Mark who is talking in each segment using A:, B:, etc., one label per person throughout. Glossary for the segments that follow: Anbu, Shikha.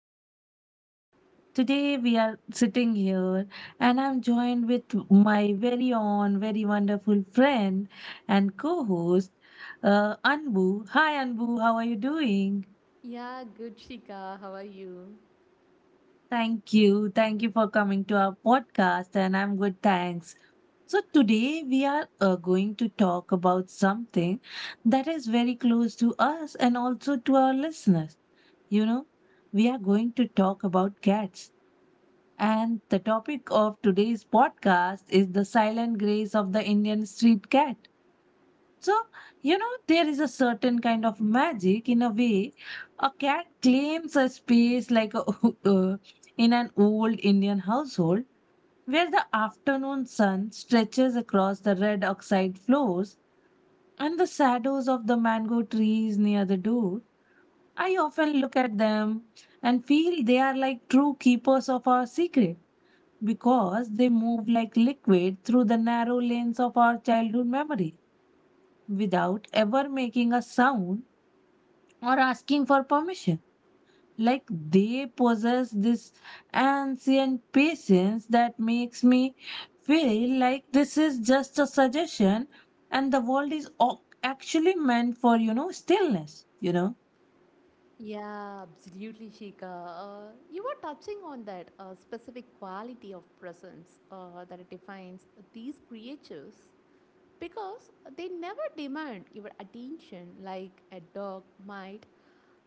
A: podcast. Today, we are sitting here, and I'm joined with my very own, very wonderful friend and co host, Anbu. Hi, Anbu, how are you doing?
B: Yeah, good Shika. How are you?
A: Thank you. Thank you for coming to our podcast, and I'm good. Thanks. So, today we are going to talk about something that is very close to us and also to our listeners. You know, we are going to talk about cats. And the topic of today's podcast is the silent grace of the Indian street cat. So, you know, there is a certain kind of magic in a way. A cat claims a space like a, uh, in an old Indian household where the afternoon sun stretches across the red oxide floors and the shadows of the mango trees near the door. I often look at them and feel they are like true keepers of our secret because they move like liquid through the narrow lanes of our childhood memory without ever making a sound or asking for permission. Like they possess this ancient patience that makes me feel like this is just a suggestion and the world is actually meant for, you know, stillness, you know?
B: Yeah, absolutely, Shika. You were touching on that specific quality of presence that defines these creatures because they never demand your attention like a dog might,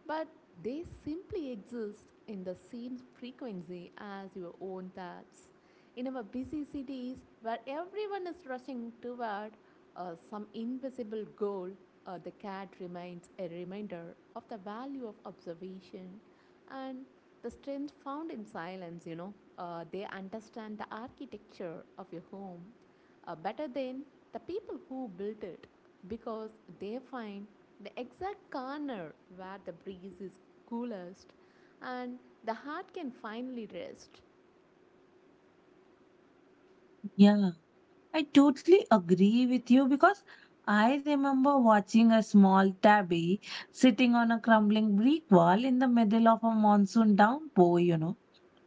B: but they simply exist in the same frequency as your own thoughts. In our busy cities, where everyone is rushing toward some invisible goal, the cat remains a reminder of the value of observation and the strength found in silence. You know, they understand the architecture of your home better than the people who built it because they find the exact corner where the breeze is coolest and the heart can finally rest.
A: Yeah, I totally agree with you because I remember watching a small tabby sitting on a crumbling brick wall in the middle of a monsoon downpour, you know,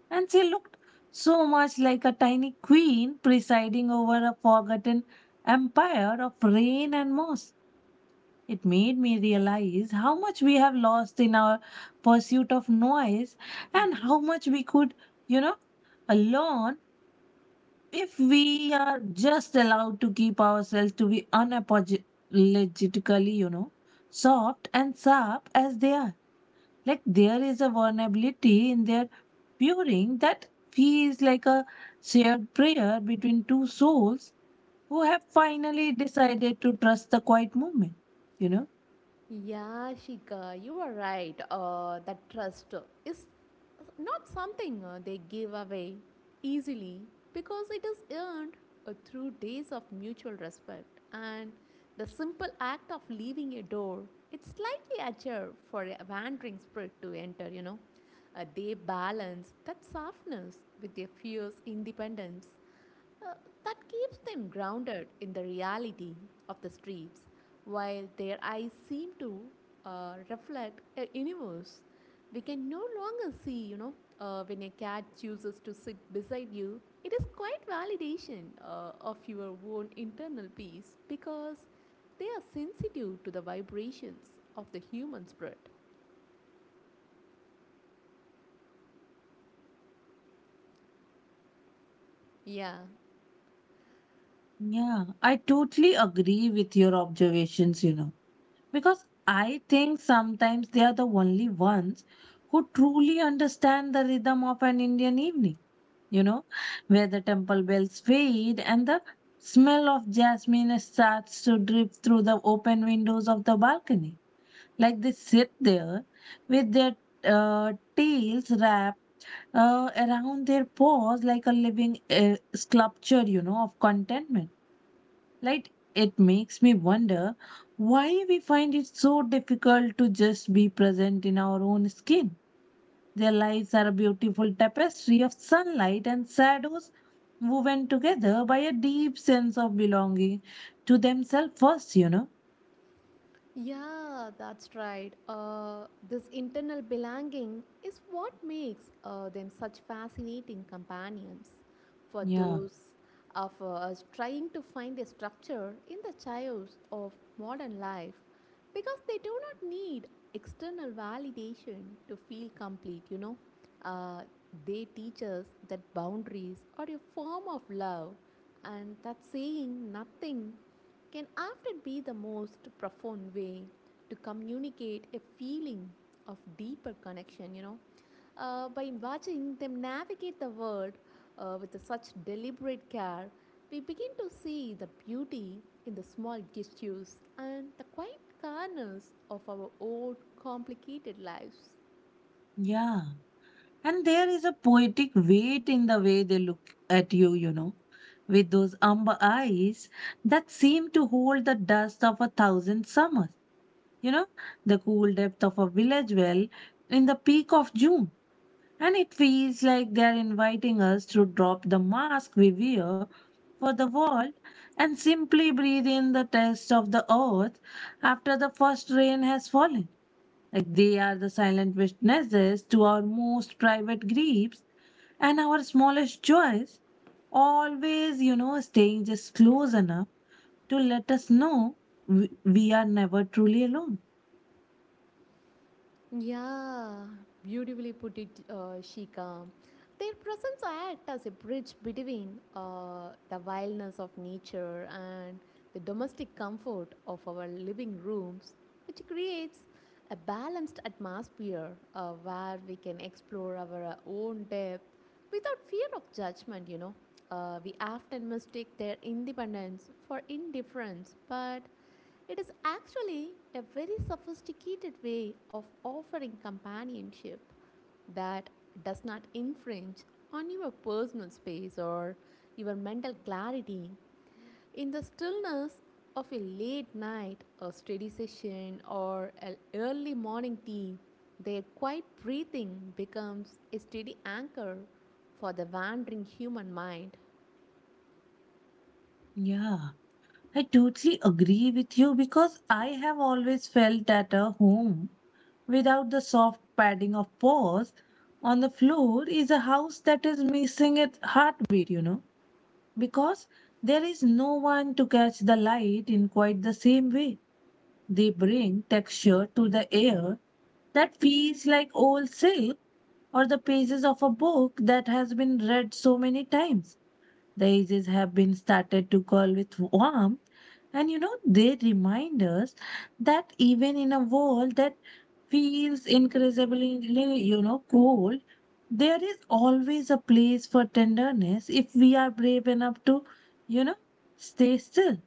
A: and she looked so much like a tiny queen presiding over a forgotten empire of rain and moss. It made me realize how much we have lost in our pursuit of noise and how much we could, you know, learn if we are just allowed to keep ourselves to be unapologetically, you know, soft and sharp as they are, like there is a vulnerability in their pairing that feels like a shared prayer between two souls who have finally decided to trust the quiet moment, you know.
B: Yeah, Shika, you are right. That trust is not something they give away easily because it is earned through days of mutual respect and the simple act of leaving a door. It's slightly ajar for a wandering spirit to enter, you know. They balance that softness with their fierce independence uh, that keeps them grounded in the reality of the streets, while their eyes seem to reflect a universe we can no longer see. You know, when a cat chooses to sit beside you, it is quite validation of your own internal peace because they are sensitive to the vibrations of the human spirit. Yeah.
A: Yeah, I totally agree with your observations, you know. Because I think sometimes they are the only ones who truly understand the rhythm of an Indian evening, you know, where the temple bells fade and the smell of jasmine starts to drip through the open windows of the balcony. Like they sit there with their tails wrapped around their paws like a living sculpture, you know, of contentment. Like, it makes me wonder why we find it so difficult to just be present in our own skin. Their lives are a beautiful tapestry of sunlight and shadows woven together by a deep sense of belonging to themselves first, you know?
B: Yeah, that's right. This internal belonging is what makes them such fascinating companions for
A: Yeah,
B: those of us trying to find a structure in the chaos of modern life because they do not need external validation to feel complete, you know. Uh, they teach us that boundaries are a form of love and that saying nothing can often be the most profound way to communicate a feeling of deeper connection, you know. By watching them navigate the world with such deliberate care, we begin to see the beauty in the small gestures and the quiet corners of our own complicated lives.
A: yeah. And there is a poetic weight in the way they look at you, you know, with those amber eyes that seem to hold the dust of a thousand summers. You know, the cool depth of a village well in the peak of June. And it feels like they are inviting us to drop the mask we wear for the world and simply breathe in the taste of the earth after the first rain has fallen. Like they are the silent witnesses to our most private griefs and our smallest joys, always, you know, staying just close enough to let us know we are never truly alone.
B: Yeah, beautifully put it, Shika. Their presence acts as a bridge between the wildness of nature and the domestic comfort of our living rooms, which creates a balanced atmosphere where we can explore our own depth without fear of judgment, you know. We often mistake their independence for indifference, but it is actually a very sophisticated way of offering companionship that does not infringe on your personal space or your mental clarity. In the stillness of a late night, a study session, or an early morning tea, their quiet breathing becomes a steady anchor for the wandering human mind.
A: Yeah. I totally agree with you because I have always felt at a home without the soft padding of paws on the floor is a house that is missing its heartbeat, you know, because there is no one to catch the light in quite the same way. They bring texture to the air that feels like old silk or the pages of a book that has been read so many times. The ages have been started to call with warmth, and you know, they remind us that even in a world that feels increasingly, you know, cold, there is always a place for tenderness if we are brave enough to, you know, stay still.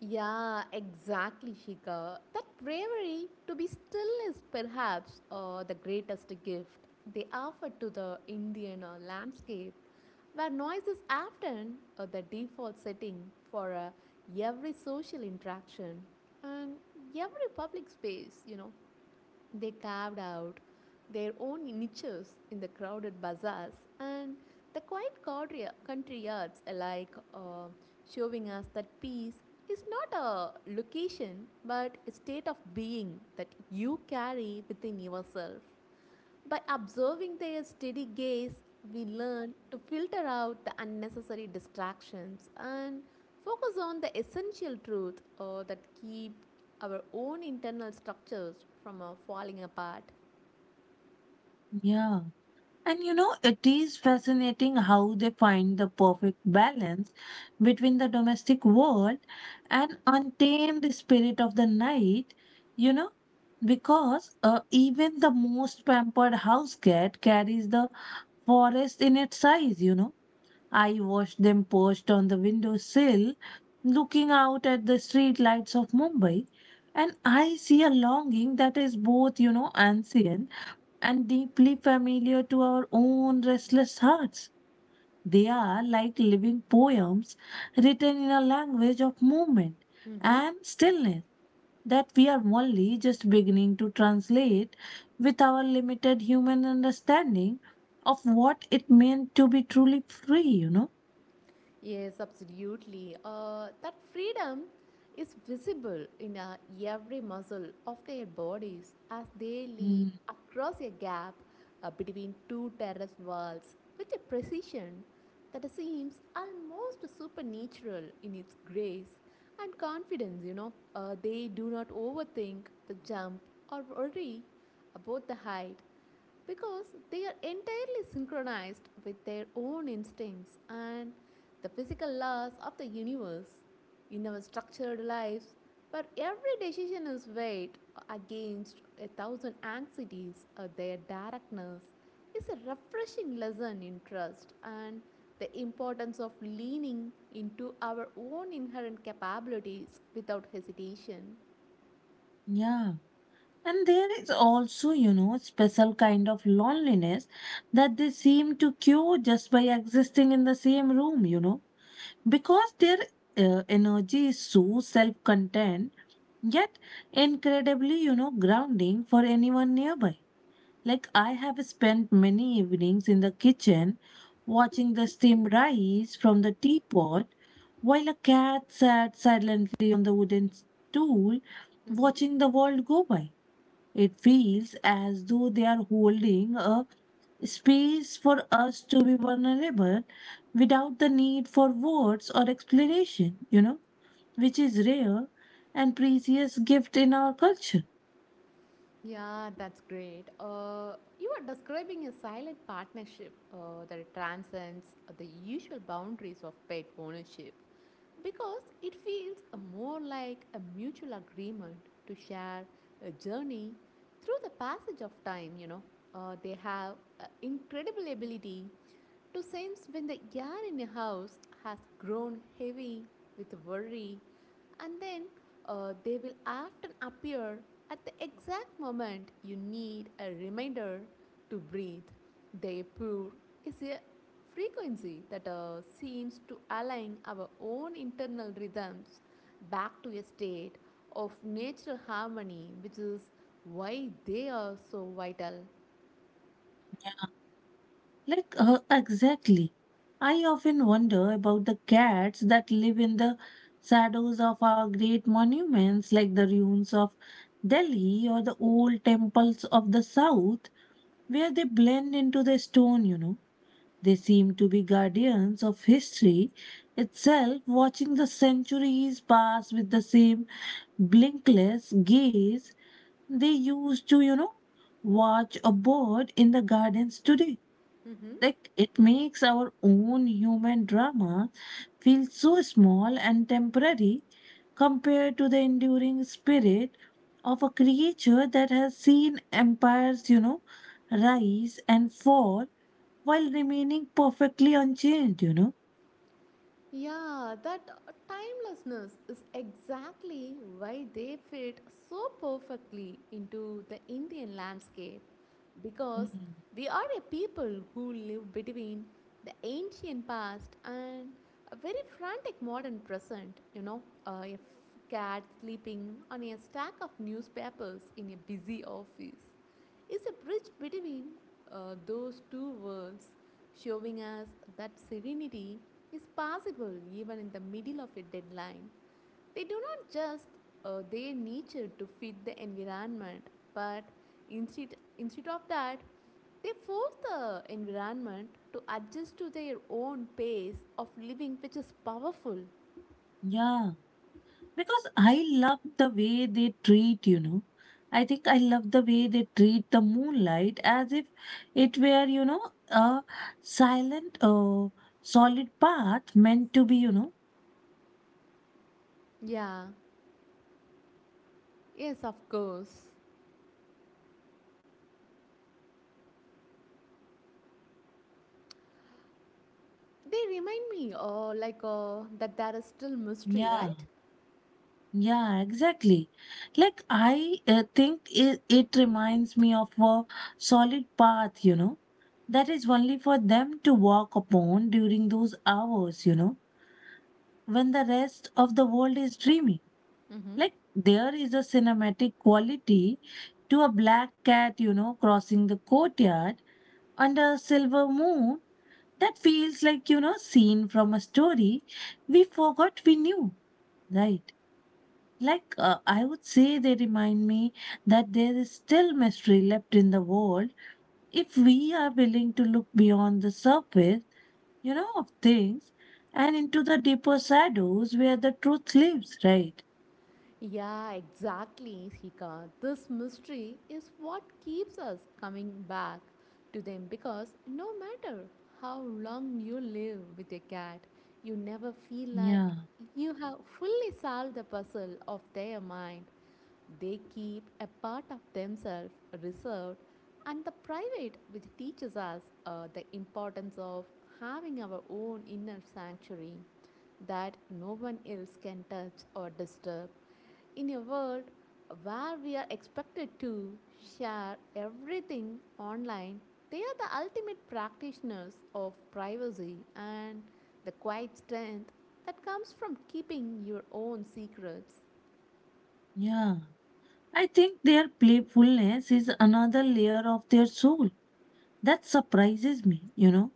B: Yeah, exactly, Shika. That bravery to be still is perhaps the greatest gift they offer to the Indian landscape, where noise is often the default setting for every social interaction and every public space, you know. They carved out their own niches in the crowded bazaars and the quiet country yards alike, showing us that peace is not a location but a state of being that you carry within yourself. By observing their steady gaze, we learn to filter out the unnecessary distractions and focus on the essential truth that keep our own internal structures from falling apart.
A: Yeah. And you know, it is fascinating how they find the perfect balance between the domestic world and untamed spirit of the night, you know, because even the most pampered house cat carries the forest in its size, you know. I watched them perched on the windowsill, looking out at the street lights of Mumbai, and I see a longing that is both, you know, ancient and deeply familiar to our own restless hearts. They are like living poems written in a language of movement
B: Mm-hmm.
A: and stillness that we are only just beginning to translate with our limited human understanding of what it meant to be truly free, you know.
B: Yes, absolutely. That freedom is visible in every muscle of their bodies as they leap
A: Mm,
B: across a gap between two terrace walls with a precision that seems almost supernatural in its grace and confidence. You know, they do not overthink the jump or worry about the height because they are entirely synchronized with their own instincts and the physical laws of the universe. In our structured lives, where every decision is weighed against a thousand anxieties, their directness is a refreshing lesson in trust and the importance of leaning into our own inherent capabilities without hesitation.
A: yeah. And there is also, you know, special kind of loneliness that they seem to cure just by existing in the same room, you know, because their energy is so self-contained yet incredibly, you know, grounding for anyone nearby, like I have spent many evenings in the kitchen watching the steam rise from the teapot while a cat sat silently on the wooden stool
B: Mhm.
A: watching the world go by. It feels as though they are holding a space for us to be vulnerable without the need for words or explanation, you know, which is rare and precious gift in our culture.
B: Yeah, that's great. You are describing a silent partnership that transcends the usual boundaries of pet ownership because it feels more like a mutual agreement to share a journey through the passage of time. You know, they have incredible ability to sense when the air in a house has grown heavy with worry, and then they will often appear at the exact moment you need a reminder to breathe. They purr is a frequency that seems to align our own internal rhythms back to a state of natural harmony, which is why they are so vital.
A: Like, exactly. I often wonder about the cats that live in the shadows of our great monuments, like the ruins of Delhi or the old temples of the south, where they blend into the stone, you know. They seem to be guardians of history itself, watching the centuries pass with the same blinkless gaze they used to, you know, watch a bird in the gardens today.
B: Mhm.
A: Like it makes our own human drama feel so small and temporary compared to the enduring spirit of a creature that has seen empires, you know, rise and fall while remaining perfectly unchanged, you know.
B: Yeah, that timelessness is exactly why they fit so perfectly into the Indian landscape. Because
A: Mm,
B: we are a people who live between the ancient past and a very frantic modern present, you know, cat sleeping on a stack of newspapers in a busy office is a bridge between those two worlds, showing us that serenity is possible even in the middle of a deadline. They do not just their nature to fit the environment, but instead of that, they force the environment to adjust to their own pace of living, which is powerful.
A: yeah. Because I love the way they treat, you know. I think I love the way they treat the moonlight as if it were, you know, a silent, solid path meant to be, you know.
B: Yeah, yes, of course. They remind me, that there is still mystery,
A: Yeah.
B: right?
A: Yeah, exactly. Like I think it reminds me of a solid path, you know, that is only for them to walk upon during those hours, you know, when the rest of the world is dreaming.
B: Mhm.
A: Like there is a cinematic quality to a black cat, you know, crossing the courtyard under a silver moon that feels like, you know, scene from a story we forgot we knew, right? Like, I would say they remind me that there is still mystery left in the world if we are willing to look beyond the surface, you know, of things and into the deeper shadows where the truth lives, right?
B: Yeah, exactly, Sika. This mystery is what keeps us coming back to them because no matter how long you live with a cat, you never feel like
A: Yeah,
B: you have fully solved the puzzle of their mind. They keep a part of themselves reserved, and the private, which teaches us the importance of having our own inner sanctuary that no one else can touch or disturb. In a world where we are expected to share everything online, they are the ultimate practitioners of privacy and the quiet strength that comes from keeping your own secrets.
A: yeah. I think their playfulness is another layer of their soul that surprises me, you know,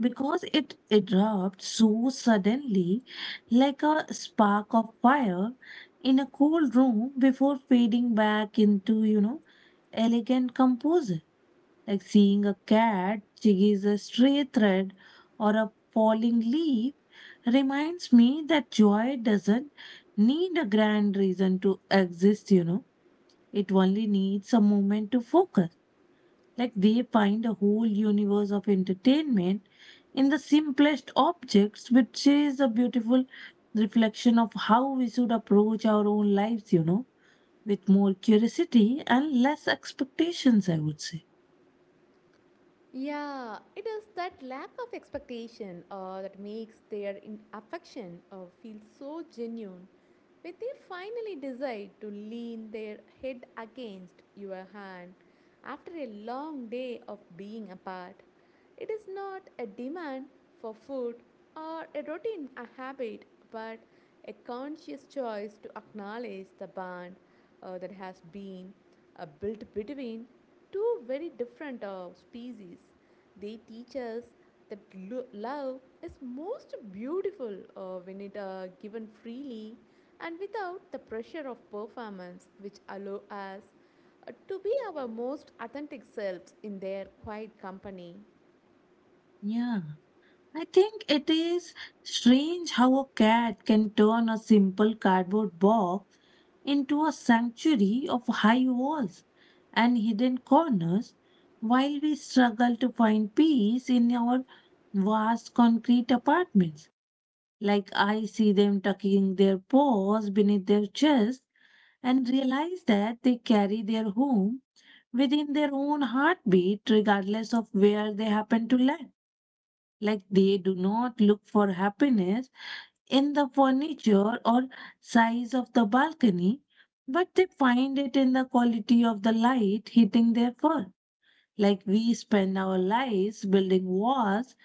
A: because it erupts so suddenly, like a spark of fire in a cold room before fading back into, you know, elegant composure. Like seeing a cat chase a stray thread or a falling leaf reminds me that joy doesn't need a grand reason to exist, you know. It only needs a moment to focus. Like they find a whole universe of entertainment in the simplest objects, which is a beautiful reflection of how we should approach our own lives, you know, with more curiosity and less expectations, I would say.
B: Yeah, it is that lack of expectation that makes their affection feel so genuine when they finally decide to lean their head against your hand after a long day of being apart. It is not a demand for food or a routine a habit, but a conscious choice to acknowledge the bond that has been built between two very different species. They teach us that love is most beautiful when it given freely and without the pressure of performance, which allow us to be our most authentic selves in their quiet company.
A: Yeah. I think it is strange how a cat can turn a simple cardboard box into a sanctuary of high walls and hidden corners, while we struggle to find peace in our vast concrete apartments. Like I see them tucking their paws beneath their chest and realize that they carry their home within their own heartbeat, regardless of where they happen to land. Like they do not look for happiness in the furniture or size of the balcony, but they find it in the quality of the light hitting their fur. Like we spend our lives building walls,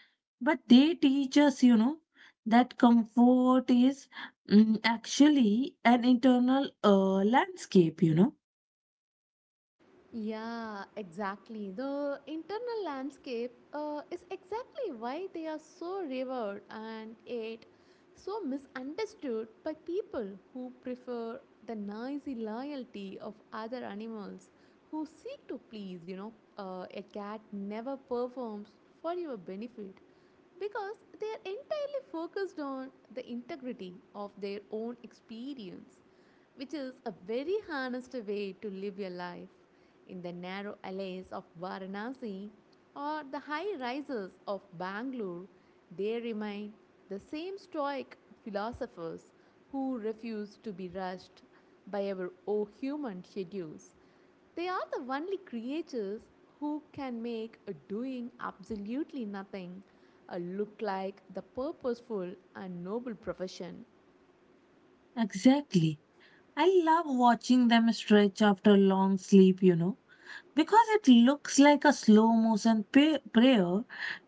A: but they teach us, you know, that comfort is actually an internal landscape, you know.
B: Yeah, exactly. The internal landscape is exactly why they are so revered and yet so misunderstood by people who prefer the noisy loyalty of other animals who seek to please. You know, a cat never performs for your benefit because they are entirely focused on the integrity of their own experience, which is a very honest way to live your life in the narrow alleys of Varanasi or the high rises of Bangalore. They remain the same stoic philosophers who refuse to be rushed by our oh human schedules. They are the only creatures who can make a doing absolutely nothing a look like the purposeful and noble profession.
A: Exactly. I love watching them stretch after long sleep, you know. Because it looks like a slow motion prayer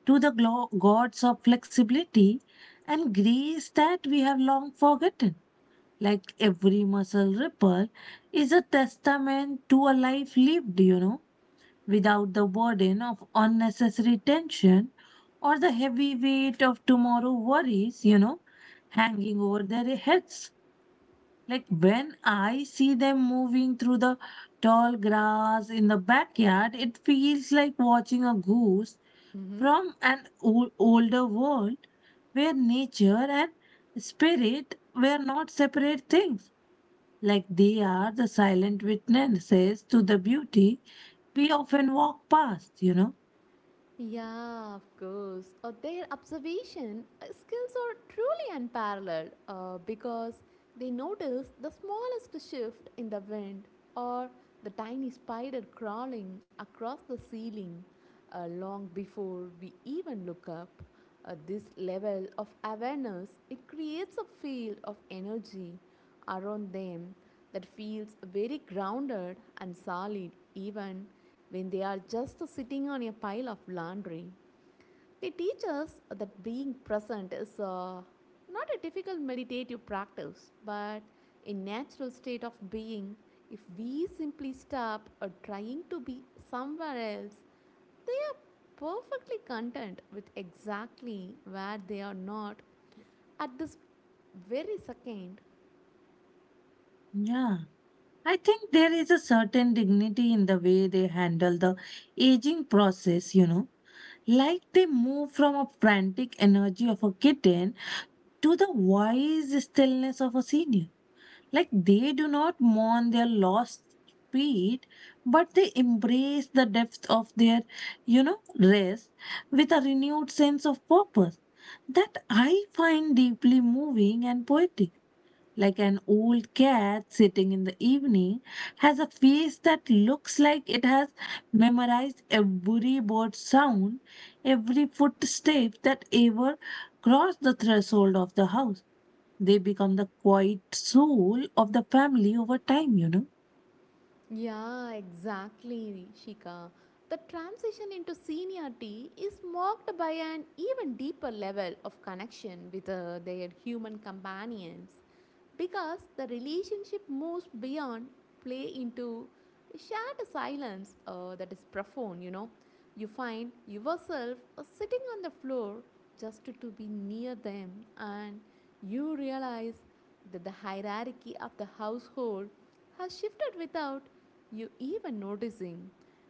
A: to the gods of flexibility and grace that we have long forgotten. Like every muscle ripple is a testament to a life lived, you know, without the burden of unnecessary tension or the heavy weight of tomorrow worries, you know, hanging over their heads. Like when I see them moving through the tall grass in the backyard, it feels like watching a goose
B: Mhm.
A: from an older world where nature and spirit were not separate things. Like they are the silent witnesses to the beauty we often walk past, you know?
B: Yeah, of course. Their observation skills are truly unparalleled because they notice the smallest shift in the wind or the tiny spider crawling across the ceiling long before we even look up. This level of awareness it creates a field of energy around them that feels very grounded and solid even when they are just sitting on a pile of laundry. They teach us that being present is not a difficult meditative practice, but a natural state of being. If we simply stop trying to be somewhere else, they are perfectly content with exactly where they are not at this very second.
A: Yeah. I think there is a certain dignity in the way they handle the aging process, you know. Like they move from a frantic energy of a kitten to the wise stillness of a senior. Like they do not mourn their lost feet, but they embrace the depth of their rest with a renewed sense of purpose that I find deeply moving and poetic, like an old cat sitting in the evening, has a face that looks like it has memorized every bird sound, every footstep that ever crossed the threshold of the house. They become the quiet soul of the family over time.
B: Yeah, exactly, Shika. The transition into seniority is marked by an even deeper level of connection with their human companions because the relationship moves beyond play into shared silence that is profound, you know. You find yourself sitting on the floor just to be near them, and you realize that the hierarchy of the household has shifted without you even noticing.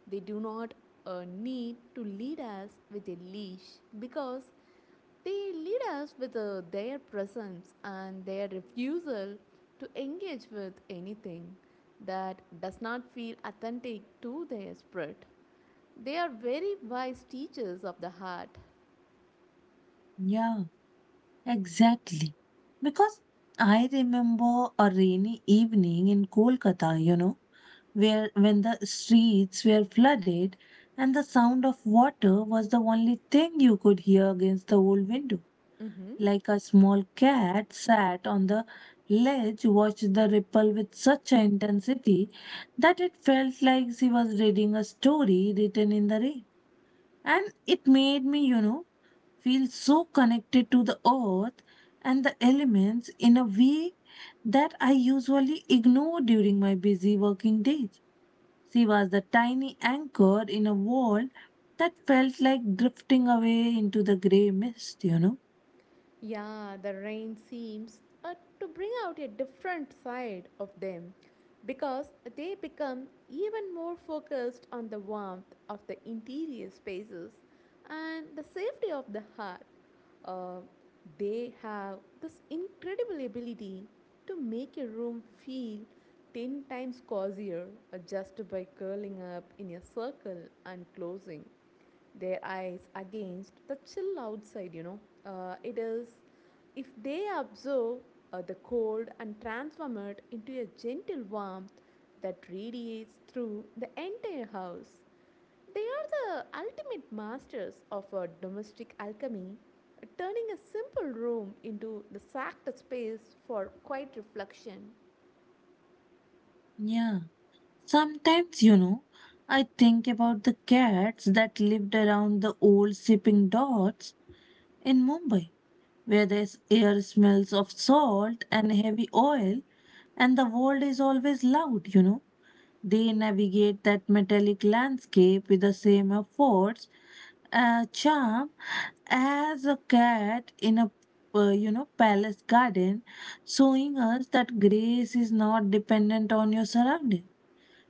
B: They do not need to lead us with a leash because they lead us with their presence and their refusal to engage with anything that does not feel authentic to their spirit. They are very wise teachers of the heart.
A: Yeah. Exactly. Because I remember a rainy evening in Kolkata where when the streets were flooded and the sound of water was the only thing you could hear against the old window.
B: Mhm.
A: Like a small cat sat on the ledge, watched the ripple with such an intensity that it felt like she was reading a story written in the rain. And it made me feel so connected to the earth and the elements in a way that I usually ignore during my busy working days. She was the tiny anchor in a world that felt like drifting away into the grey mist.
B: Yeah, the rain seems to bring out a different side of them because they become even more focused on the warmth of the interior spaces and the safety of the heart. Uh, they have this incredible ability to make a room feel 10 times cozier just by curling up in a circle and closing their eyes against the chill outside, you know. It is if they observe the cold and transform it into a gentle warmth that radiates through the entire house. They are the ultimate masters of a domestic alchemy, turning a simple room into the sacred space for quiet reflection.
A: Yeah. Sometimes, I think about the cats that lived around the old shipping docks in Mumbai where the air smells of salt and heavy oil, and the world is always loud. They navigate that metallic landscape with the same efforts, charm as a cat in a palace garden, showing us that grace is not dependent on your surroundings.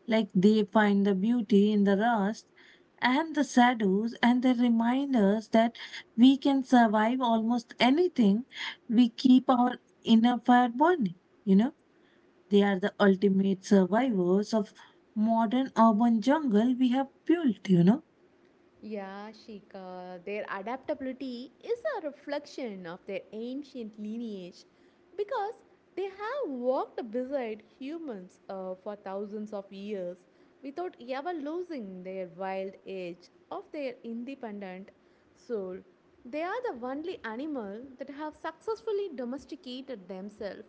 A: Like they find the beauty in the rust and the shadows, and they remind us that we can survive almost anything we keep our inner fire burning. You know, they are the ultimate survivors of modern urban jungle we have built.
B: Yeah, Shika, their adaptability is a reflection of their ancient lineage because they have walked beside humans for thousands of years without ever losing their wild edge of their independent soul. They are the only animal that have successfully domesticated themselves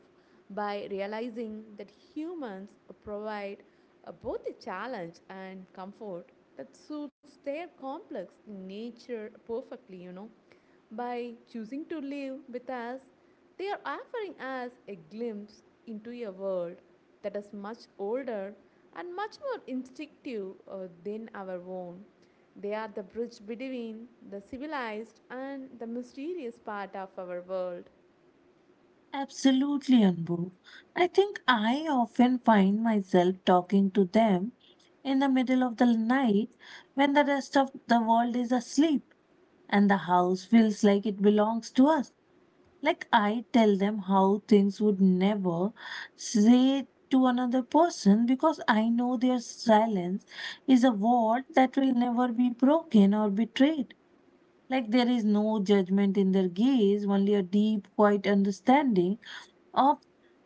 B: by realizing that humans provide both a challenge and comfort that suits their complex nature perfectly, you know. By choosing to live with us, they are offering us a glimpse into a world that is much older and much more instinctive than our own. They are the bridge between the civilized and the mysterious part of our world.
A: Absolutely, Anbu. I think I often find myself talking to them in the middle of the night when the rest of the world is asleep, and the house feels like it belongs to us. Like I tell them how things would never say to another person because I know their silence is a word that will never be broken or betrayed. Like there is no judgment in their gaze, only a deep, quiet understanding of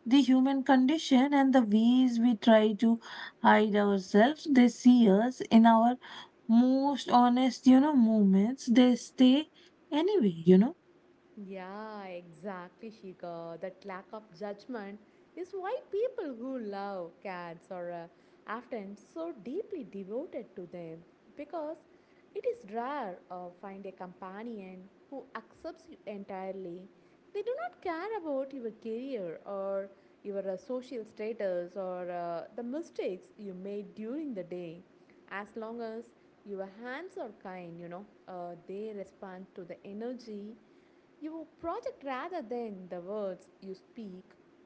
A: the human condition and the ways we try to hide ourselves. They see us in our most honest, moments, they stay anyway.
B: Yeah, exactly, Shika. That lack of judgment is why people who love cats are often so deeply devoted to them because it is rare find a companion who accepts you entirely. They do not care about your career or your social status or the mistakes you made during the day. As long as your hands are kind, you know, they respond to the energy your project rather than the words you speak,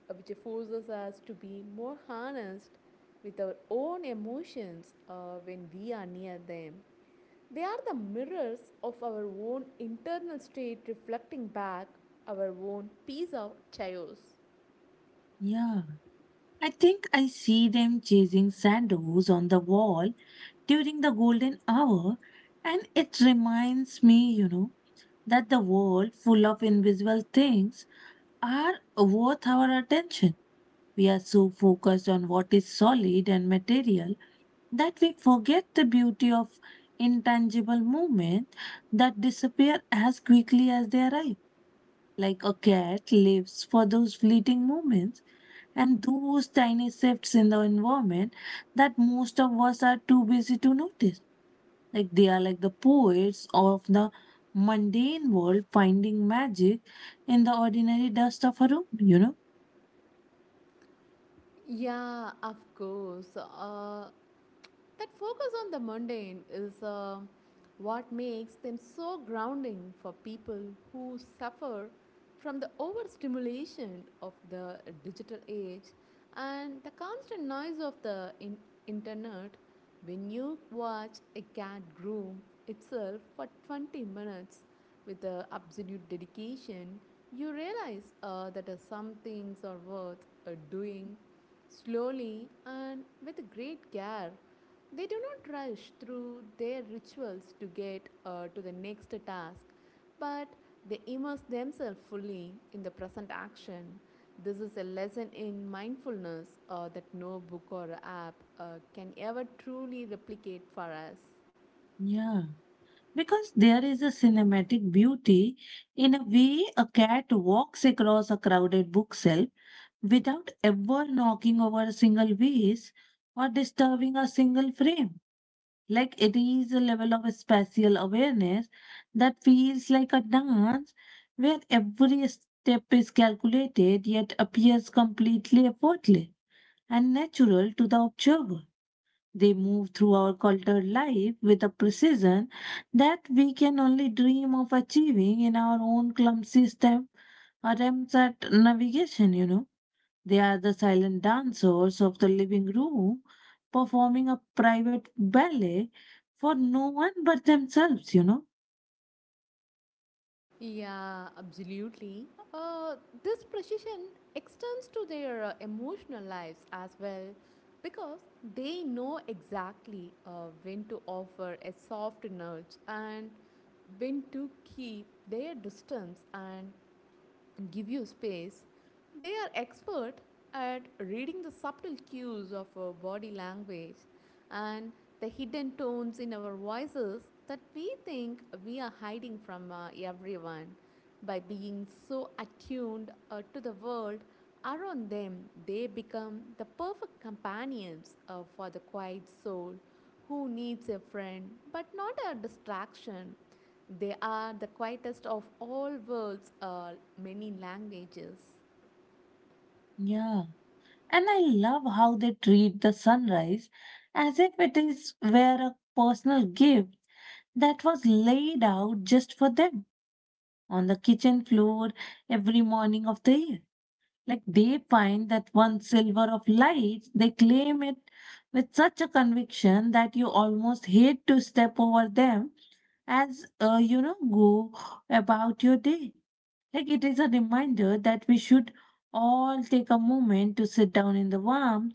B: which forces us to be more honest with our own emotions when we are near them. They are the mirrors of our own internal state reflecting back our own piece of chaos.
A: Yeah. I think I see them chasing shadows on the wall during the golden hour, and it reminds me, that the world full of invisible things are worth our attention. We are so focused on what is solid and material that we forget the beauty of intangible movement that disappear as quickly as they arrive. Like a cat lives for those fleeting moments and those tiny shifts in the environment that most of us are too busy to notice. Like they are like the poets of the mundane world finding magic in the ordinary dust of a room.
B: Yeah, of course. That focus on the mundane is what makes them so grounding for people who suffer from the overstimulation of the digital age and the constant noise of the internet. When you watch a cat groom itself for 20 minutes with absolute dedication, you realize that some things are worth doing slowly and with great care. They do not rush through their rituals to get to the next task, but they immerse themselves fully in the present action. This is a lesson in mindfulness that no book or app uh, can ever truly replicate for us.
A: Yeah. Because there is a cinematic beauty in a way a cat walks across a crowded bookshelf without ever knocking over a single vase or disturbing a single frame. Like it is a level of spatial awareness that feels like a dance where every step is calculated yet appears completely effortless and natural to the observer. They move through our cultured life with a precision that we can only dream of achieving in our own clumsy step attempts at navigation. They are the silent dancers of the living room, performing a private ballet for no one but themselves.
B: Yeah, absolutely. Uh, this precision extends to their emotional lives as well because they know exactly when to offer a soft nudge and when to keep their distance and give you space. They are expert at reading the subtle cues of our body language and the hidden tones in our voices that we think we are hiding from everyone. By being so attuned to the world around them, they become the perfect companions for the quiet soul who needs a friend but not a distraction. They are the quietest of all world's many languages.
A: Yeah. And I love how they treat the sunrise as if it is were a personal gift that was laid out just for them on the kitchen floor every morning of the year. Like they find that one silver of light, they claim it with such a conviction that you almost hate to step over them as go about your day, like it is a reminder that we should all take a moment to sit down in the warmth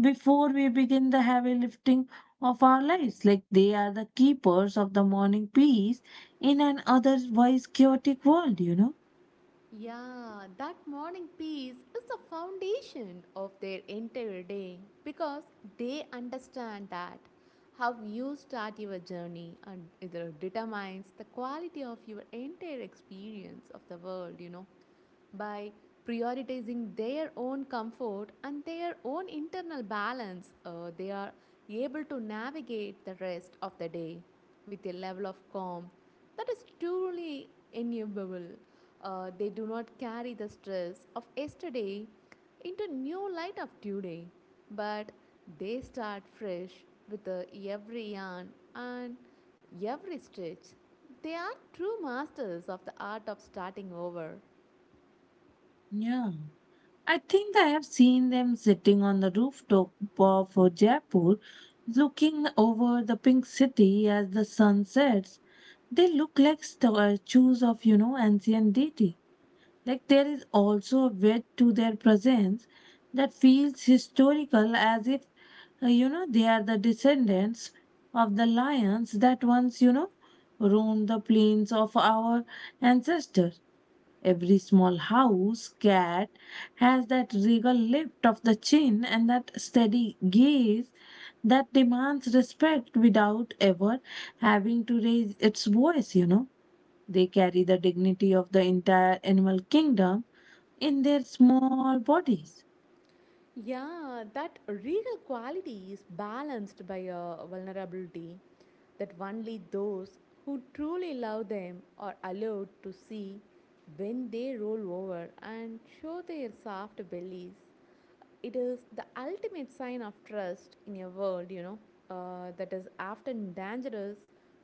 A: before we begin the heavy lifting of our lives, like they are the keepers of the morning peace in an otherwise chaotic world you know
B: Yeah, that morning peace is the foundation of their entire day because they understand that how you start your journey and it determines the quality of your entire experience of the world, you know. By prioritizing their own comfort and their own internal balance, they are able to navigate the rest of the day with a level of calm that is truly enviable. Uh, they do not carry the stress of yesterday into new light of today, but they start fresh with, every yarn and every stitch. They are true masters of the art of starting over.
A: yeah I think I have seen them sitting on the rooftop of jaipur looking over the Pink City as the sun sets. They look like statues of ancient deity. Like there is also a weight to their presence that feels historical as if they are the descendants of the lions that once roamed the plains of our ancestors. Every small house cat has that regal lift of the chin and that steady gaze that demands respect without ever having to raise its voice. They carry the dignity of the entire animal kingdom in their small bodies.
B: Yeah, that regal quality is balanced by a vulnerability that only those who truly love them are allowed to see when they roll over and show their soft bellies. It is the ultimate sign of trust in a world, you know, that is often dangerous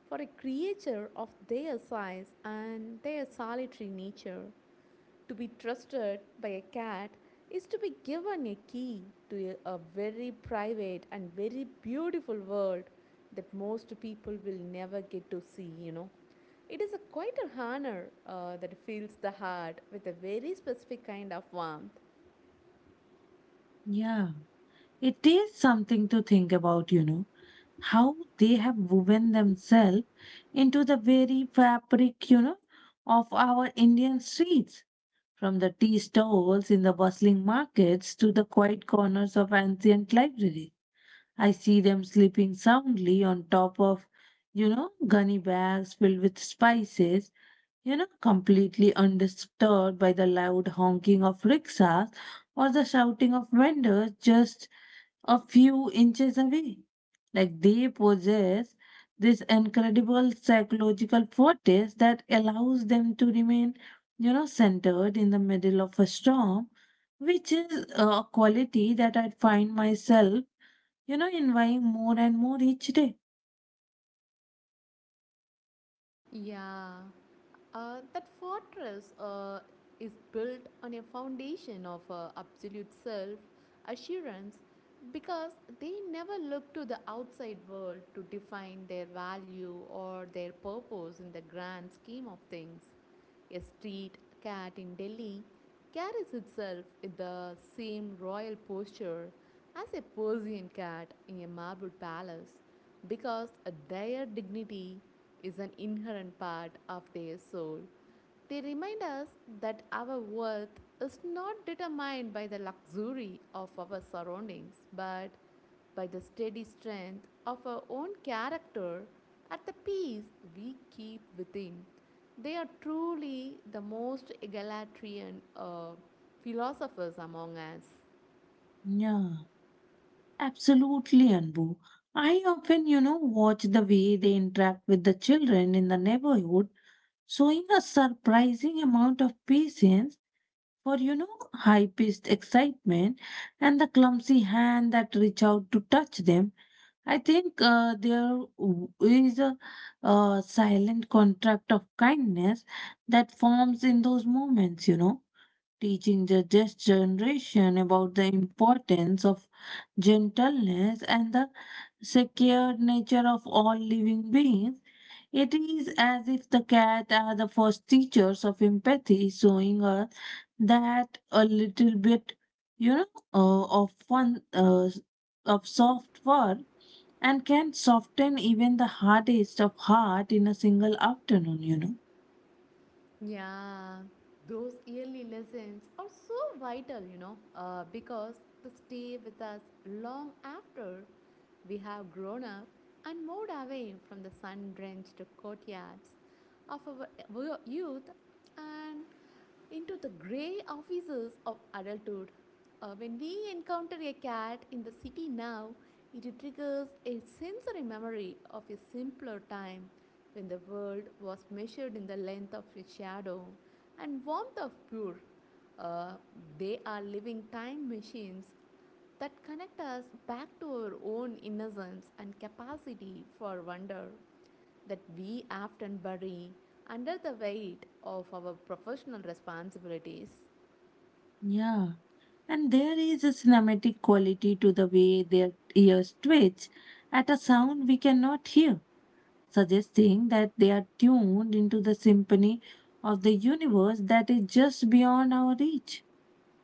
B: for a creature of their size and their solitary nature. To be trusted by a cat is to be given a key to a, very private and very beautiful world that most people will never get to see, you know. It is a quite a honor that fills the heart with a very specific kind of warmth.
A: Yeah, it is something to think about how they have woven themselves into the very fabric of our Indian streets. From the tea stalls in the bustling markets to the quiet corners of ancient libraries. I see them sleeping soundly on top of gunny bags filled with spices, completely undisturbed by the loud honking of rickshaws or the shouting of vendors just a few inches away. Like they possess this incredible psychological fortress that allows them to remain centered in the middle of a storm, which is a quality that I find myself, envying more and more each day.
B: Yeah, that fortress is built on a foundation of absolute self assurance because they never look to the outside world to define their value or their purpose in the grand scheme of things. A street cat in Delhi carries itself with the same royal posture as a Persian cat in a marble palace because their dignity is an inherent part of their soul. They remind us that our worth is not determined by the luxury of our surroundings, but by the steady strength of our own character at the peace we keep within. They are truly the most egalitarian philosophers among us.
A: Yeah. Absolutely, Anbu. I often watch the way they interact with the children in the neighborhood, showing a surprising amount of patience for high paced excitement and the clumsy hand that reach out to touch them. I think there is a silent contract of kindness that forms in those moments, teaching the next generation about the importance of gentleness and the secured nature of all living beings, it is as if the cat are the first teachers of empathy, showing us that a little bit, you know, of fun, of soft fur, and can soften even the hardest of heart in a single afternoon.
B: Yeah, those early lessons are so vital, you know, because they stay with us long after we have grown up and moved away from the sun drenched courtyards of our youth and into the gray offices of adulthood. When we encounter a cat in the city now, it triggers a sensory memory of a simpler time when the world was measured in the length of a shadow and warmth of pure. Uh, they are living time machines that connect us back to our own innocence and capacity for wonder that we often bury under the weight of our professional responsibilities.
A: Yeah. And there is a cinematic quality to the way their ears twitch at a sound we cannot hear, suggesting that they are tuned into the symphony of the universe that is just beyond our reach.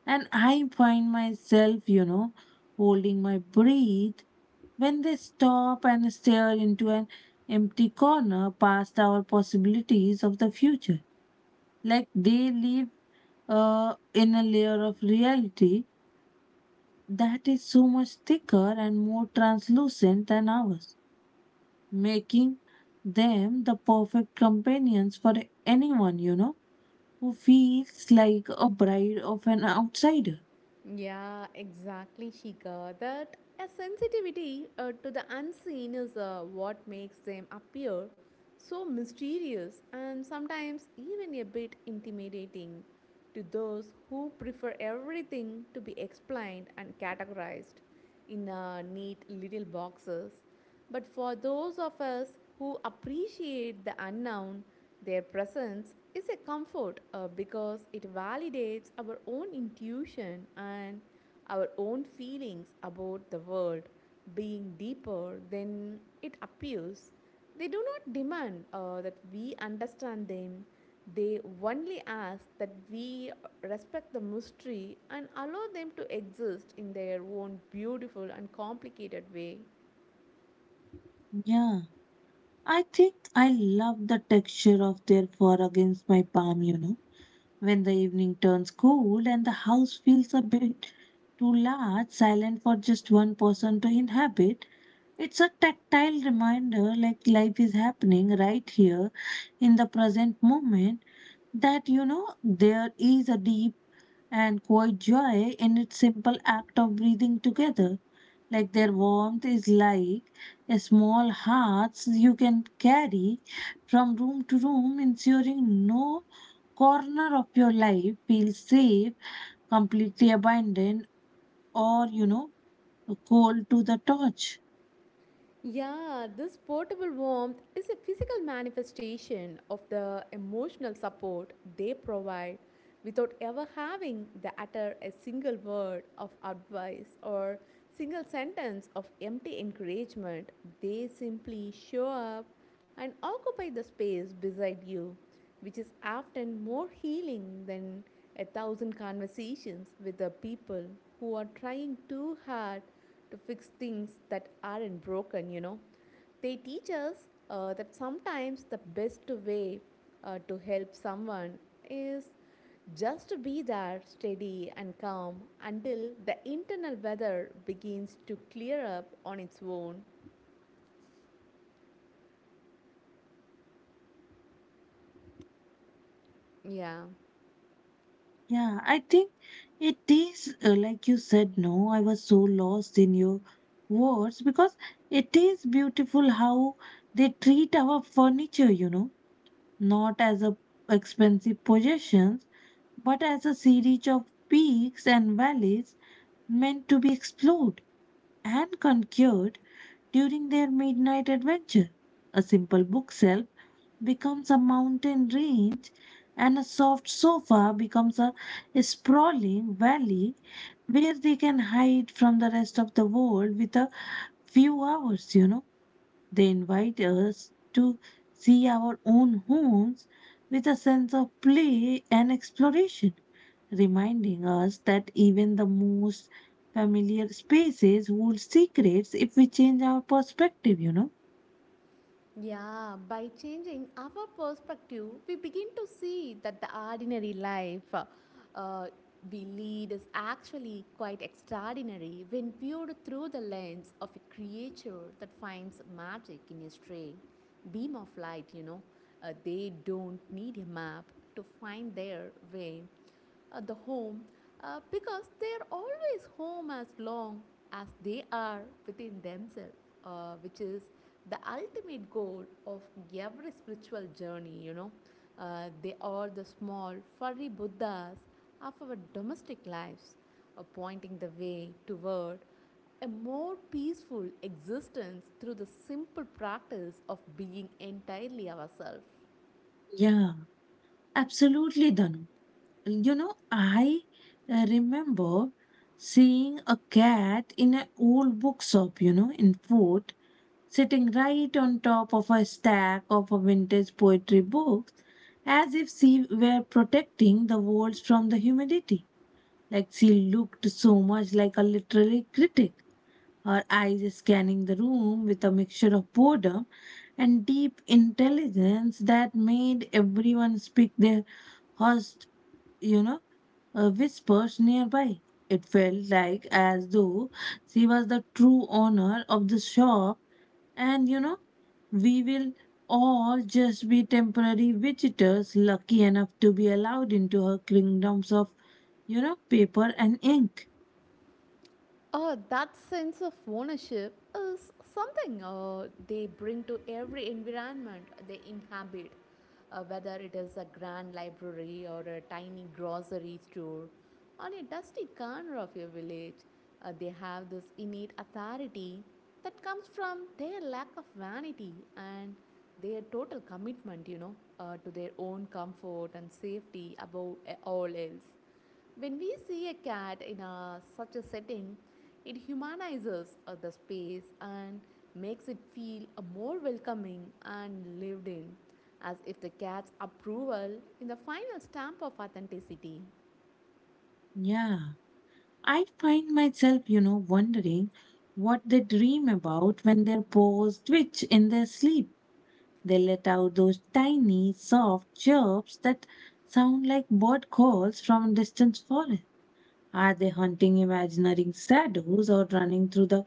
A: And I find myself, holding my breath when they stop and stare into an empty corner past our possibilities of the future. Like they live in a layer of reality that is so much thicker and more translucent than ours, making them the perfect companions for anyone who feels like a bride of an outsider.
B: Yeah, exactly, Shika. That a sensitivity to the unseen is what makes them appear so mysterious and sometimes even a bit intimidating to those who prefer everything to be explained and categorized in neat little boxes. But for those of us who appreciate the unknown, their presence is a comfort because it validates our own intuition and our own feelings about the world being deeper than it appears. They do not demand that we understand them. They only ask that we respect the mystery and allow them to exist in their own beautiful and complicated way.
A: Yeah, I think I love the texture of their fur against my palm. When the evening turns cold and the house feels a bit too large, silent for just one person to inhabit, it's a tactile reminder like life is happening right here in the present moment that there is a deep and quite joy in its simple act of breathing together. Like their warmth is like a small hearts you can carry from room to room, ensuring no corner of your life feels safe, completely abandoned, or cold to the touch.
B: Yeah, this portable warmth is a physical manifestation of the emotional support they provide without ever having to utter a single word of advice or single sentence of empty encouragement. They simply show up and occupy the space beside you, which is often more healing than a thousand conversations with the people who are trying too hard to fix things that aren't broken, you know. They teach us that sometimes the best way to help someone is just to be there steady and calm until the internal weather begins to clear up on its own. Yeah.
A: Yeah, I think it is like you said, no, I was so lost in your words because it is beautiful how they treat our furniture, not as a expensive possessions, but as a series of peaks and valleys meant to be explored and conquered during their midnight adventure. A simple bookshelf becomes a mountain range, and a soft sofa becomes a sprawling valley where they can hide from the rest of the world with a few hours. They invite us to see our own homes with a sense of play and exploration, reminding us that even the most familiar spaces hold secrets if we change our perspective.
B: Yeah, by changing our perspective, we begin to see that the ordinary life we lead is actually quite extraordinary when viewed through the lens of a creature that finds magic in a stray beam of light, you know. They don't need a map to find their way the home because they are always home as long as they are within themselves, which is the ultimate goal of every spiritual journey, you know. They are the small furry Buddhas of our domestic lives, pointing the way toward a more peaceful existence through the simple practice of being entirely ourselves.
A: Yeah, absolutely, Danu. I remember seeing a cat in an old bookshop, in Fort, sitting right on top of a stack of vintage poetry books, as if she were protecting the walls from the humidity. Like she looked so much like a literary critic, her eyes scanning the room with a mixture of boredom and deep intelligence that made everyone speak their hushed, you know, whispers nearby. It felt like as though she was the true owner of the shop and we will all just be temporary visitors lucky enough to be allowed into her kingdoms of paper and ink.
B: That sense of ownership is something they bring to every environment they inhabit, whether it is a grand library or a tiny grocery store or a dusty corner of your village. They have this innate authority that comes from their lack of vanity and their total commitment, you know, to their own comfort and safety above all else. When we see a cat in a, such a setting, it humanizes the space and makes it feel more welcoming and lived in, as if the cat's approval is the final stamp of authenticity.
A: Yeah. I find myself, wondering what they dream about when their paws twitch in their sleep. They let out those tiny, soft chirps that sound like bird calls from a distant forest. Are they hunting imaginary shadows or running through the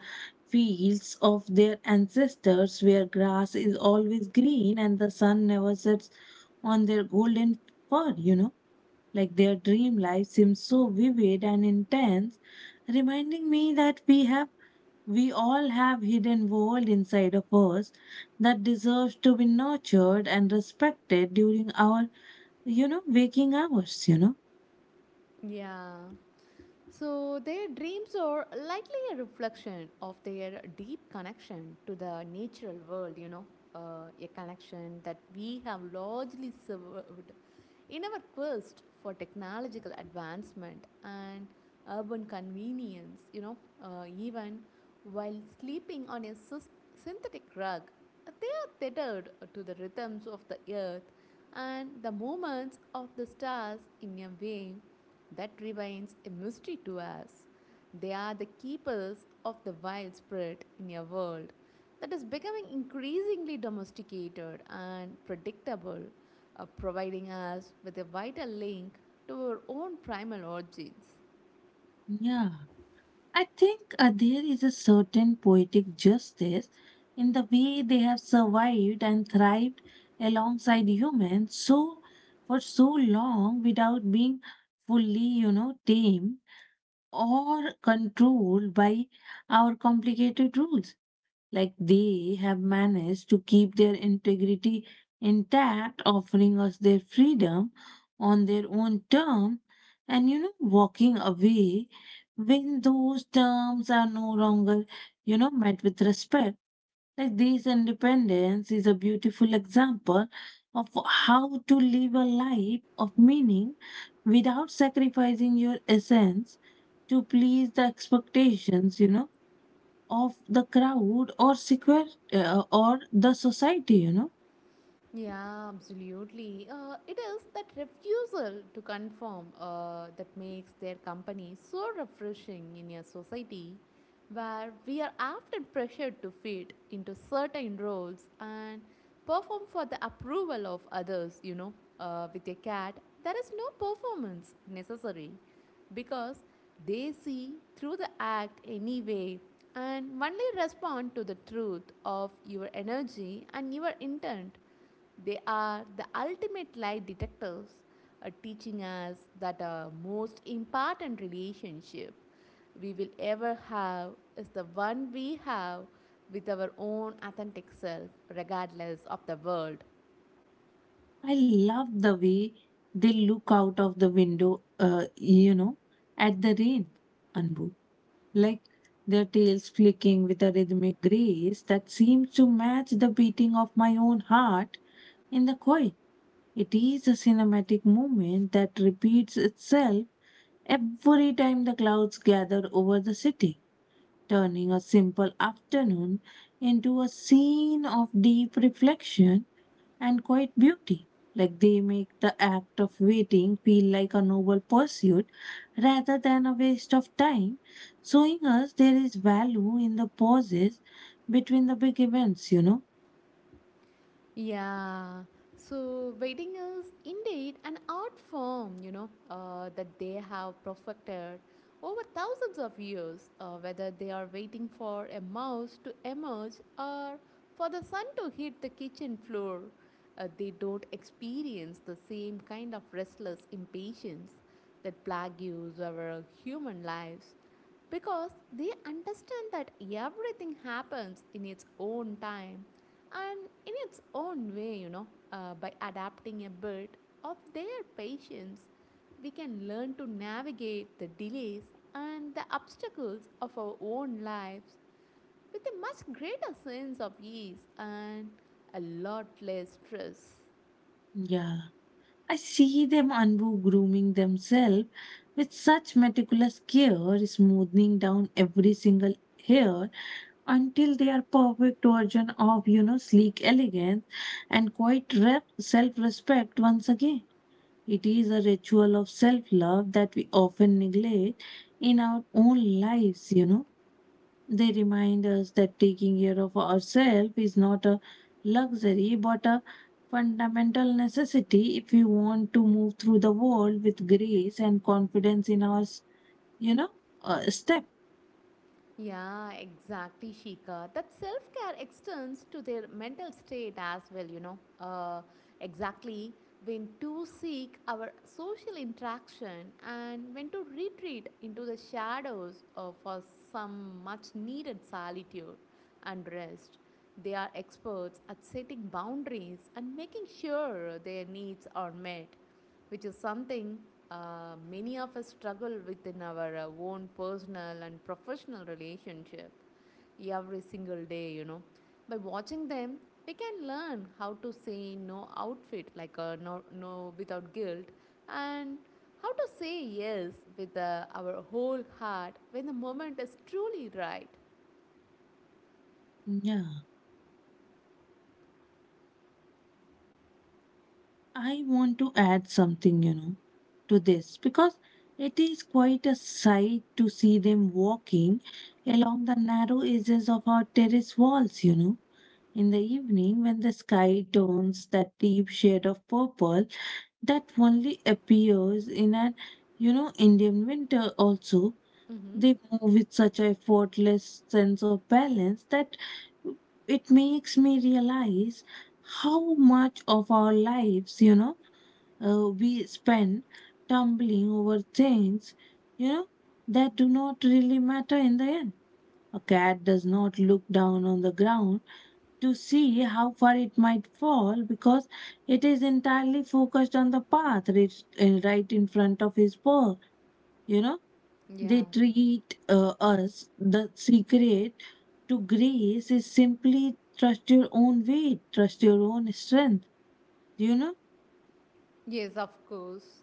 A: fields of their ancestors where grass is always green and the sun never sets on their golden fur, you know? Like their dream life seems so vivid and intense, reminding me that we all have hidden world inside of us that deserves to be nurtured and respected during our waking hours.
B: Yeah. So their dreams are likely a reflection of their deep connection to the natural world, you know, a connection that we have largely served in our quest for technological advancement and urban convenience, you know, even while sleeping on a synthetic rug, they are tethered to the rhythms of the earth and the movements of the stars in a way that remains a mystery to us. They are the keepers of the wild spirit in a world that is becoming increasingly domesticated and predictable, providing us with a vital link to our own primal origins.
A: Yeah, I think there is a certain poetic justice in the way they have survived and thrived alongside humans so for so long without being fully, you know, tamed or controlled by our complicated rules. Like they have managed to keep their integrity intact, offering us their freedom on their own terms, and you know, walking away when those terms are no longer, you know, met with respect. Like this independence is a beautiful example of how to live a life of meaning without sacrificing your essence to please the expectations, you know of the crowd or secret or the society.
B: Yeah, absolutely. It is that refusal to conform that makes their company so refreshing in a society where we are often pressured to fit into certain roles and perform for the approval of others. You know, with a cat, there is no performance necessary because they see through the act anyway and only respond to the truth of your energy and your intent. They are the ultimate lie detectors, teaching us that our most important relationship we will ever have is the one we have with our own authentic self, regardless of the world.
A: I love the way they look out of the window you know at the rain, Anbu, like their tails flicking with a rhythmic grace that seems to match the beating of my own heart in the quiet. It is a cinematic moment that repeats itself every time the clouds gather over the city, turning a simple afternoon into a scene of deep reflection and quiet beauty. Like they make the act of waiting feel like a noble pursuit rather than a waste of time, showing us there is value in the pauses between the big events, you know?
B: Yeah. So wedding is indeed an art form, you know, that they have perfected over thousands of years, whether they are waiting for a mouse to emerge or for the sun to hit the kitchen floor. They don't experience the same kind of restless impatience that plague our human lives because they understand that everything happens in its own time and in its own way, by adapting a bit of their patience, we can learn to navigate the delays and the obstacles of our own lives with a much greater sense of ease and a lot less stress.
A: Yeah. I see them, Anbu, grooming themselves with such meticulous care, smoothing down every single hair until they are perfect version of you know sleek elegance and quite self-respect once again. It is a ritual of self-love that we often neglect in our own lives, you know. They remind us that taking care of ourselves is not a luxury but a fundamental necessity if we want to move through the world with grace and confidence in our, you know, step.
B: Yeah, exactly, Shika. That self care extends to their mental state as well, you know. exactly. When to seek our social interaction and when to retreat into the shadows for some much needed solitude and rest. They are experts at setting boundaries and making sure their needs are met, which is something many of us struggle within our own personal and professional relationship every single day. By watching them, we can learn how to say no outfit like no, no without guilt and how to say yes with our whole heart when the moment is truly right.
A: Yeah, I want to add something, you know, to this because it is quite a sight to see them walking along the narrow edges of our terrace walls, you know. In the evening, when the sky turns that deep shade of purple, that only appears in an you know Indian winter also,
B: Mm-hmm.
A: they move with such a effortless sense of balance that it makes me realize how much of our lives you know we spend tumbling over things you know that do not really matter in the end. A cat does not look down on the ground to see how far it might fall because it is entirely focused on the path right in front of his paw. You know,
B: Yeah.
A: they treat us the secret to grace is simply trust your own weight, trust your own strength. You know,
B: Yes, of course.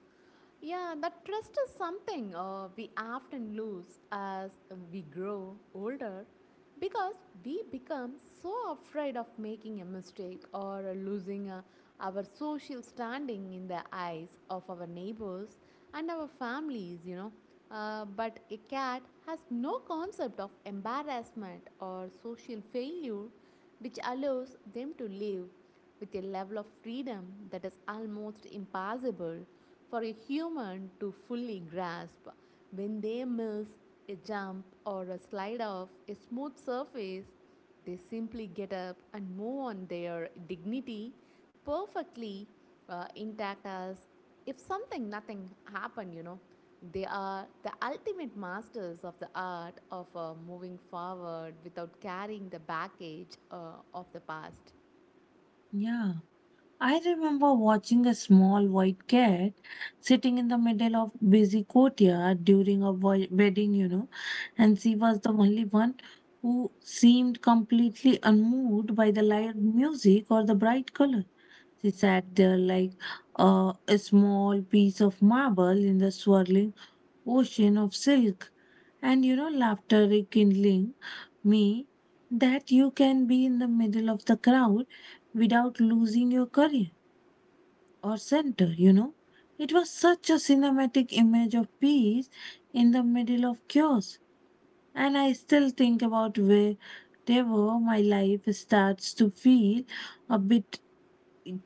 B: Yeah, that trust is something we often lose as we grow older because we become so afraid of making a mistake or losing our social standing in the eyes of our neighbors and our families, but a cat has no concept of embarrassment or social failure, which allows them to live with a level of freedom that is almost impossible for a human to fully grasp. When they miss a jump or a slide off a smooth surface, they simply get up and move on their dignity perfectly intact, as if something nothing happened. They are the ultimate masters of the art of moving forward without carrying the baggage of the past.
A: yeah. I remember watching a small white cat sitting in the middle of busy courtyard during a wedding, you know, and she was the only one who seemed completely unmoved by the loud music or the bright color. She sat there like a small piece of marble in the swirling ocean of silk, and you know, laughter rekindling me that you can be in the middle of the crowd without losing your career or center, you know. It was such a cinematic image of peace in the middle of chaos. And I still think about where they were, my life starts to feel a bit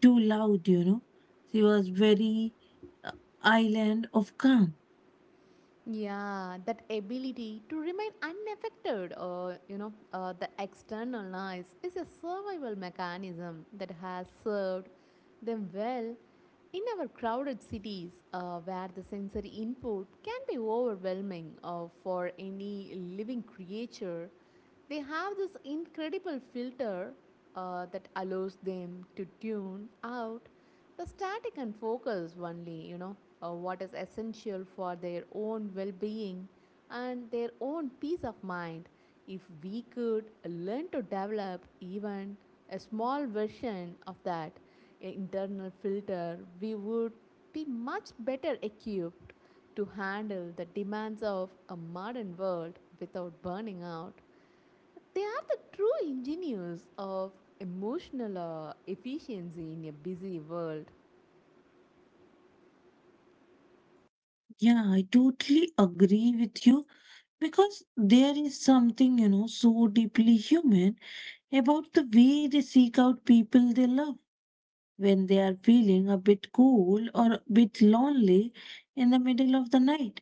A: too loud, you know. She was very uh, island of calm.
B: Yeah, that ability to remain unaffected or the external noise is a survival mechanism that has served them well in our crowded cities, where the sensory input can be overwhelming for any living creature. They have this incredible filter that allows them to tune out the static and focus only, what is essential for their own well being and their own peace of mind. If we could learn to develop even a small version of that internal filter, we would be much better equipped to handle the demands of a modern world without burning out. They are the true engineers of emotional efficiency in a busy world.
A: Yeah, I totally agree with you because there is something, you know, so deeply human about the way they seek out people they love when they are feeling a bit cool or a bit lonely in the middle of the night.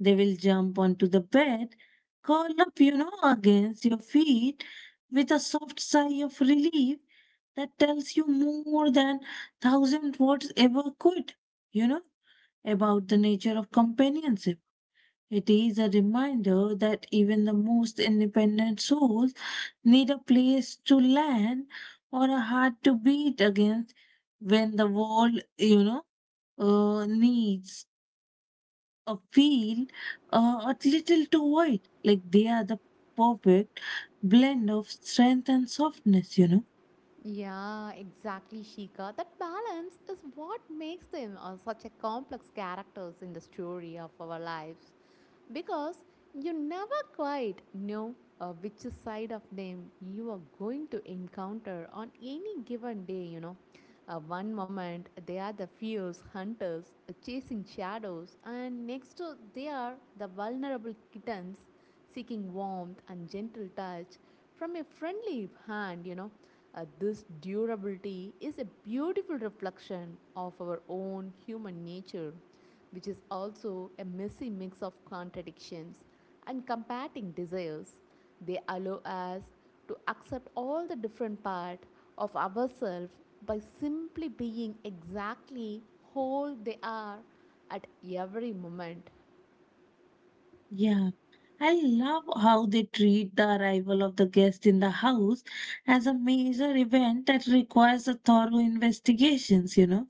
A: They will jump onto the bed, curl up, you know, against your feet with a soft sigh of relief that tells you more than thousand words ever could, you know, about the nature of companionship. It is a reminder that even the most independent souls need a place to land or a heart to beat against when the world, you know, needs a feel a little too wide. Like they are the perfect blend of strength and softness, you know.
B: Yeah, exactly, Shika. That balance is what makes them such a complex characters in the story of our lives, because you never quite know which side of them you are going to encounter on any given day. One moment they are the fierce hunters chasing shadows, and next to they are the vulnerable kittens seeking warmth and gentle touch from a friendly hand. This durability is a beautiful reflection of our own human nature, which is also a messy mix of contradictions and combating desires. They allow us to accept all the different parts of ourselves by simply being exactly whole they are at every moment.
A: Yeah. I love how they treat the arrival of the guest in the house as a major event that requires a thorough investigations, you know,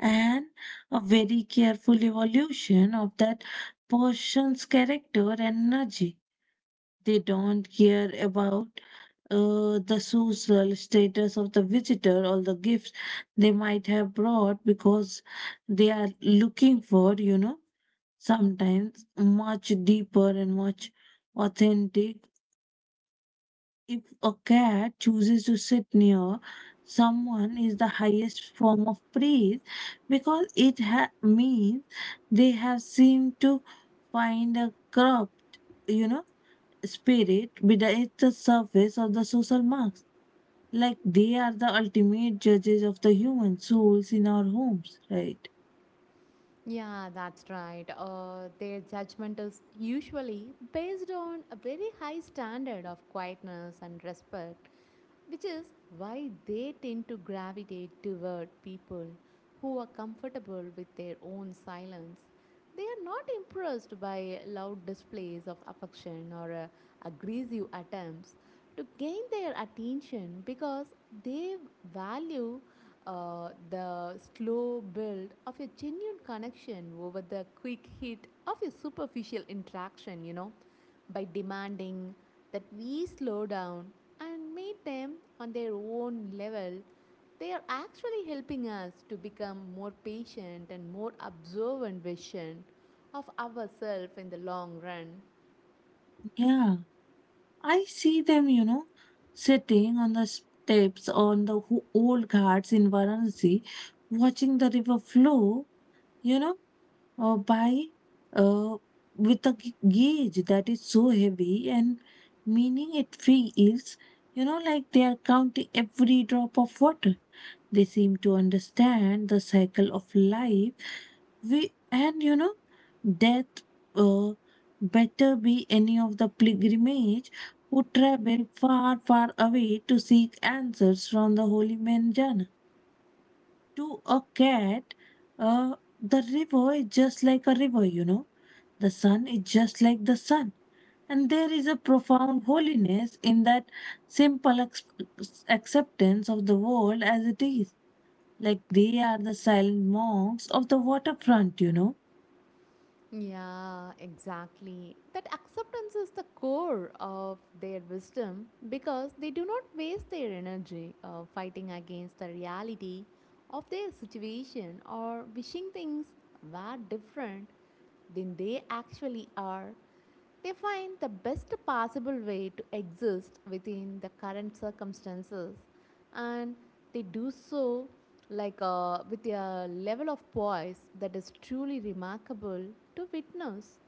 A: and a very careful evolution of that person's character and energy. They don't care about the social status of the visitor or the gifts they might have brought because they are looking for, you know, sometimes much deeper and much authentic. If a cat chooses to sit near someone is the highest form of praise because it means they have seemed to find a corrupt, you know, spirit beneath the surface of the social mask. Like they are the ultimate judges of the human souls in our homes, right?
B: Yeah, that's right. Their judgment is usually based on a very high standard of quietness and respect, which is why they tend to gravitate toward people who are comfortable with their own silence. They are not impressed by loud displays of affection or aggressive attempts to gain their attention because they value the slow build of a genuine connection over the quick hit of a superficial interaction, by demanding that we slow down and meet them on their own level. They are actually helping us to become more patient and more observant vision of ourselves in the long run.
A: Yeah, I see them, you know, sitting on the steps on the old ghats in Varanasi, watching the river flow you know, by uh, with a gauge that is so heavy and meaning it feels, you know, like they are counting every drop of water. They seem to understand the cycle of life. We and you know, death. Uh, Better be any of the pilgrimage who travel far, far away to seek answers from the holy man Jana. To a cat, the river is just like a river, you know. The sun is just like the sun. And there is a profound holiness in that simple acceptance of the world as it is. Like they are the silent monks of the waterfront, you know.
B: Yeah, exactly. That acceptance is the core of their wisdom because they do not waste their energy fighting against the reality of their situation or wishing things were different than they actually are. They find the best possible way to exist within the current circumstances, and they do so like with a level of poise that is truly remarkable to witness.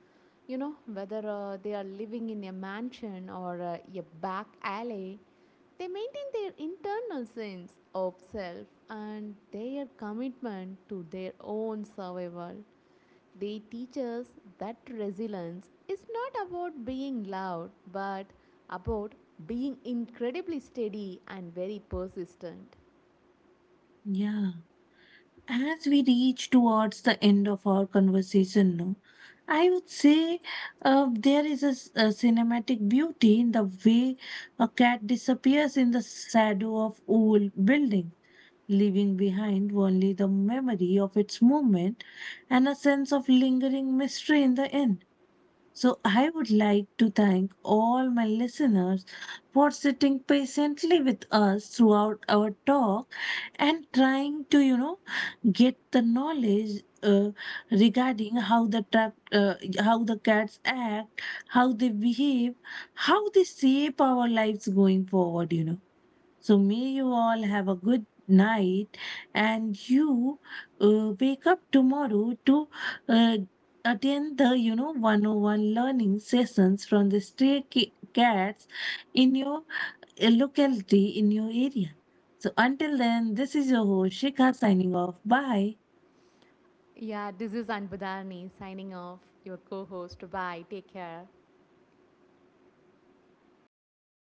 B: You know, whether they are living in a mansion or a back alley, they maintain their internal sense of self and their commitment to their own survival. They teach us that resilience is not about being loud, but about being incredibly steady and very persistent.
A: Yeah. As we reach towards the end of our conversation no, I would say there is a, a cinematic beauty in the way a cat disappears in the shadow of old building, leaving behind only the memory of its movement and a sense of lingering mystery in the end. So I would like to thank all my listeners for sitting patiently with us throughout our talk and trying to you know get the knowledge regarding how the how the cats act, how they behave, how they shape our lives going forward. You know. So may you all have a good night, and you wake up tomorrow to uh, attend the you know 101 learning sessions from the stray cats in your locality in your area. So until then, this is your host Shikha signing off. Bye.
B: Yeah, this is Anbudharni signing off, your co host. Bye. Take care.